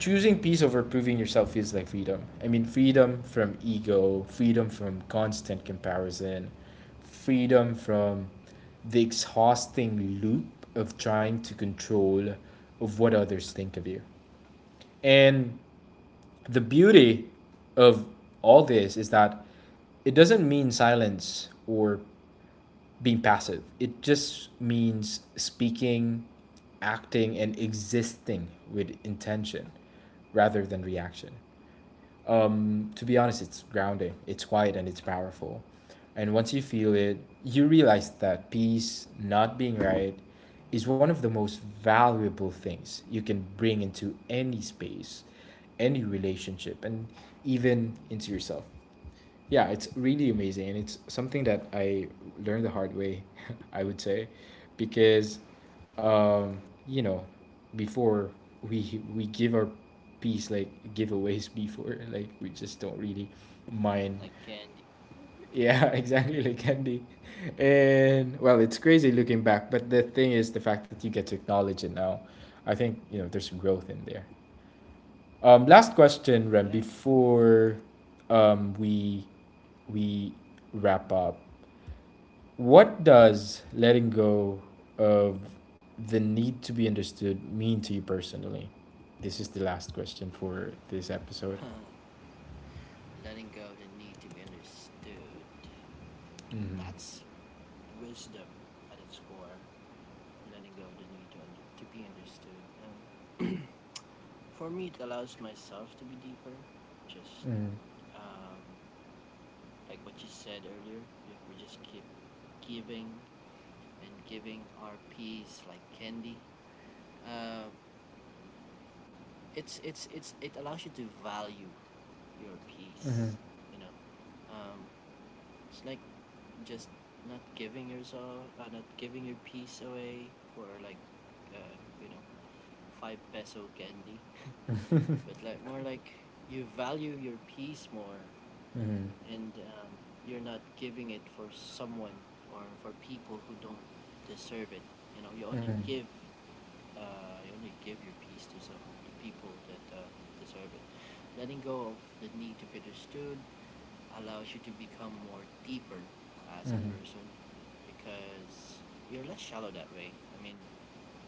choosing peace over proving yourself feels like freedom. I mean, freedom from ego, freedom from constant comparison, freedom from the exhausting loop of trying to control of what others think of you. And the beauty of all this is that it doesn't mean silence or being passive. It just means speaking, acting, and existing with intention rather than reaction. To be honest, it's grounding, it's quiet, and it's powerful. And once you feel it, you realize that peace, not being right, is one of the most valuable things you can bring into any space, any relationship, and even into yourself. Yeah, it's really amazing, and it's something that I learned the hard way, I would say, because um you know, before, we give our piece like giveaways before, like we just don't really mind. Like candy. Yeah, exactly, like candy. And well, it's crazy looking back, but the thing is the fact that you get to acknowledge it now, I think, you know, there's some growth in there. Last question, Rem, Yeah, before um we we wrap up, what does letting go of the need to be understood mean to you personally? This is the last question for this episode. letting go the need to be understood. Mm-hmm. That's wisdom at its core. Letting go the need to to be understood. For me, it allows myself to be deeper. Just um, like what you said earlier, we just keep giving and giving our peace like candy. Um, it allows you to value your Mm-hmm. peace, you know. um, it's like just not giving yourself, not giving your peace away for like, uh, you know, five peso candy. But like more like you value your peace more. Mm-hmm. And you're not giving it for someone or for people who don't deserve it. You know, you only give your peace to some the people that deserve it. Letting go of the need to be understood allows you to become more deeper as Mm-hmm. a Mm-hmm. person because you're less shallow that way. I mean,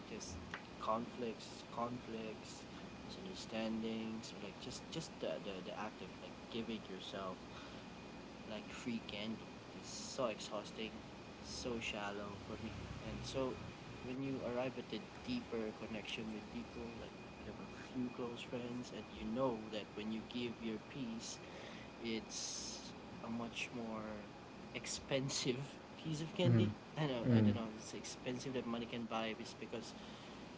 just conflicts, misunderstandings, or like just the act of like giving yourself like free candy is so exhausting, so shallow for me. And so when you arrive at a deeper connection with people, like you have a few close friends and you know that when you give your piece, it's a much more expensive piece of candy. I know I Mm-hmm. don't know it's expensive that money can buy just because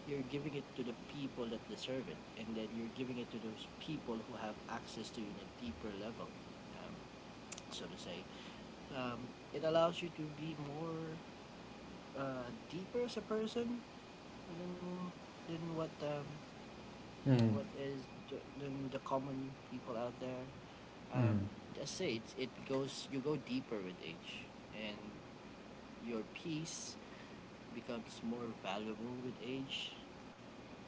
you're giving it to the people that deserve it, and then you're giving it to those people who have access to you in a deeper level, um, so to say. Um, it allows you to be more deeper as a person than than Mm-hmm. Mm-hmm. what is the, than the common people out there. Mm-hmm. Um, Mm-hmm. Us say it's, it goes you go deeper with age, and your peace becomes more valuable with age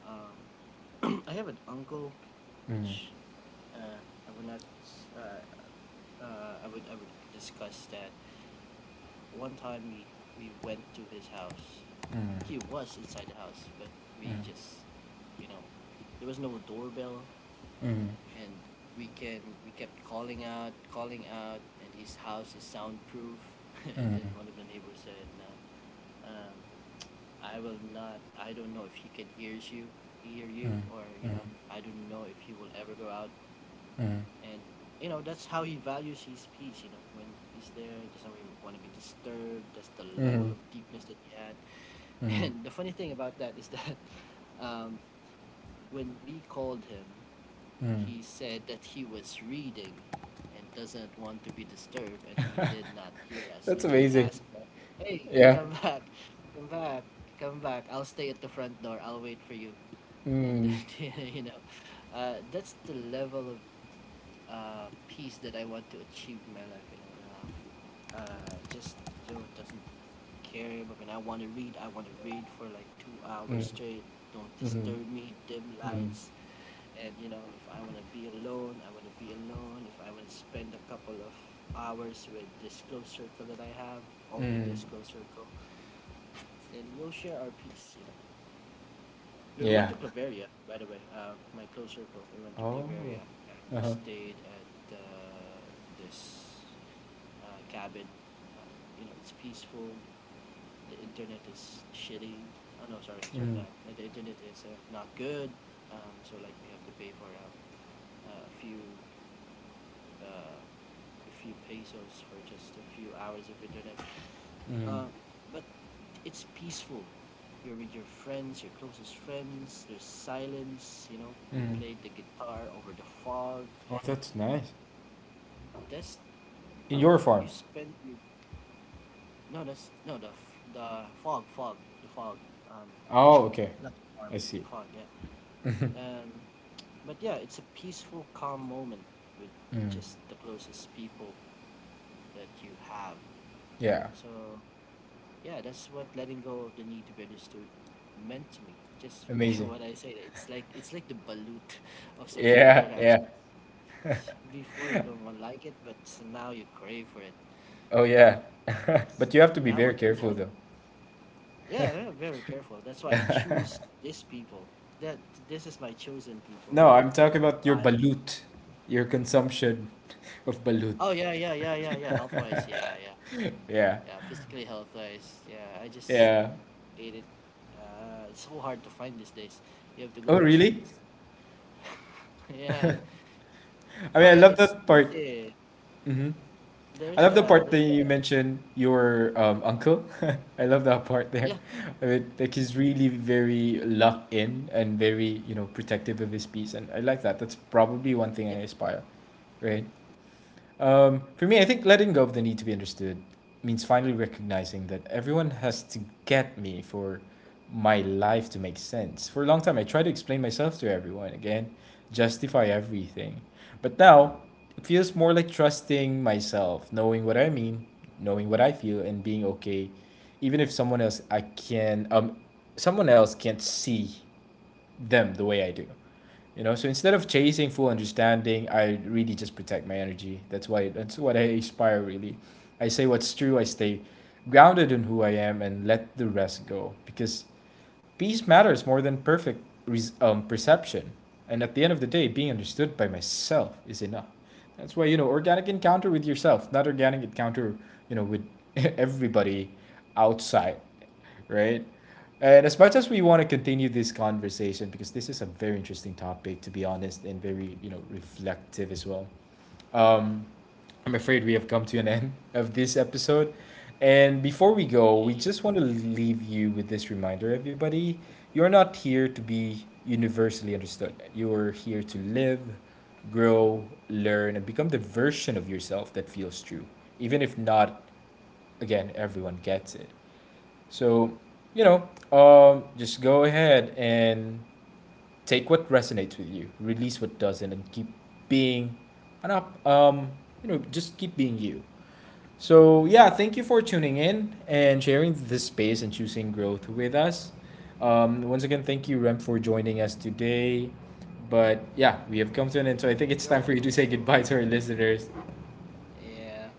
um, I have an uncle, which uh, I would not. Uh, I would discuss that. One time we went to his house. He was inside the house, but we just, you know, there was no doorbell, Mm-hmm. Mm-hmm. and we kept calling out, calling out, and his house is soundproof. And then Mm-hmm. one of the neighbors said, nah, I will not, I don't know if he can hears you, hear you, or I don't know if he will ever go out. And you know that's how he values his peace. You know, when he's there, he doesn't really want to be disturbed. That's the Mm-hmm. level of deepness that he had. Hmm. And the funny thing about that is that um, when we called him, Hmm. he said that he was reading and doesn't want to be disturbed, and he did not hear us. That's And he amazing. asked, hey, Yeah. come back, come back, come back, I'll stay at the front door, I'll wait for you. And Mm-hmm. then that's the level of peace that I want to achieve in my life. You know, just you know doesn't care about. When I want to read, I want to read for like 2 hours straight. Don't Mm-hmm. disturb me, dim Mm. lights. And you know, if I want to be alone, I want to be alone. If I want to spend a couple of hours with this close circle that I have, only Mm. this close circle, then we'll share our peace, you know. We Yeah. went to Claveria, by the way. My close circle, we went to Oh. Claveria and we Uh-huh. stayed at this cabin. uh, you know, it's peaceful. The internet is shitty. Oh no, sorry, sorry for that. Mm. The internet is not good. So like we have to pay for uh, a few uh, a few pesos for just a few hours of internet. Uh, Mm. but it's peaceful. You're with your friends, your closest friends. There's silence. You know, we Mm. played the guitar over the fog. Oh, that's nice. That's In your you farm? spend your, no, that's no the the fog, the fog. Um, Oh, okay. Not the farm, I see. the fog. Yeah. Um, but yeah, it's a peaceful, calm moment with Mm. just the closest people that you have. Yeah. So yeah, that's what letting go of the need to be understood meant to me. Just, Amazing. what I said. It's like, it's like the balut of social Yeah, yeah. interactions. Before you don't want like it, but now you crave for it. Oh yeah. But S- you have to be Yeah, how very about you? careful though. Yeah, yeah, very careful. That's why I choose these people. That This is my chosen people. No, You I'm know, talking about your why? balut, your consumption of balut. Oh yeah, yeah, yeah, yeah, yeah. Health wise, yeah, yeah, Yeah, yeah. Physically health wise, yeah. I just yeah. ate it. It's so hard to find these days. You have to Oh, go to the really? streets. Yeah. I mean, I Oh love yeah. that It's, there's part. a Mm-hmm. I love the there's part a that there's you a mentioned your um, uncle. I love that part there. yeah, I mean, like, he's really very locked in and very, you know, protective of his peace. And I like that. That's probably one thing I yep. aspire, right? For me, I think letting go of the need to be understood means finally recognizing that everyone has to get me for my life to make sense. For a long time, I tried to explain myself to everyone again, justify everything. But now, it feels more like trusting myself, knowing what I mean, knowing what I feel, and being okay, even if someone else can't see them the way I do. You know, so instead of chasing full understanding, I really just protect my energy. That's why, that's what I aspire, really. I say what's true, I stay grounded in who I am, and let the rest go, because peace matters more than perfect perception. And at the end of the day, being understood by myself is enough. That's why, you know, organic encounter with yourself, not organic encounter, you know, with everybody outside, right? And as much as we want to continue this conversation, because this is a very interesting topic, to be honest, and very, you know, reflective as well. Um, I'm afraid we have come to an end of this episode. And before we go, we just eh, want to leave you with this reminder, everybody. You're not here to be universally understood. You're here to live, grow, learn, and become the version of yourself that feels true, even if not, again, everyone gets it. So, you know, just go ahead and take what resonates with you, release what doesn't, and keep being an up. You know, just keep being you. So yeah, thank you for tuning in and sharing this space and choosing growth with us. Once again, thank you, Rem, for joining us today. But yeah, we have come to an end, so I think it's You're time for you welcome. to say You're goodbye welcome. to our listeners. Yeah.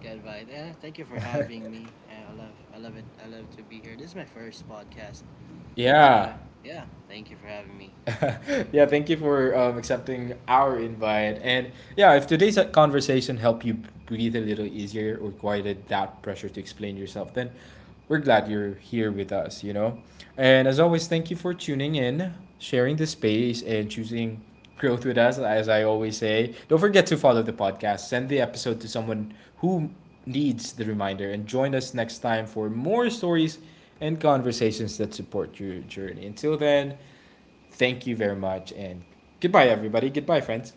Good vibe. Yeah, thank you for having me. Yeah, I love it. I love to be here. This is my first podcast. Yeah. So yeah, thank you for having me. Yeah, thank you for accepting our invite. And yeah, if today's conversation helped you breathe a little easier or quieted that pressure to explain yourself, then we're glad you're here with us, you know? And as always, thank you for tuning in, sharing the space, and choosing growth with us, as I always say. Don't forget to follow the podcast, send the episode to someone who needs the reminder, and join us next time for more stories and conversations that support your journey. Until then, thank you very much, and goodbye, everybody. Goodbye, friends.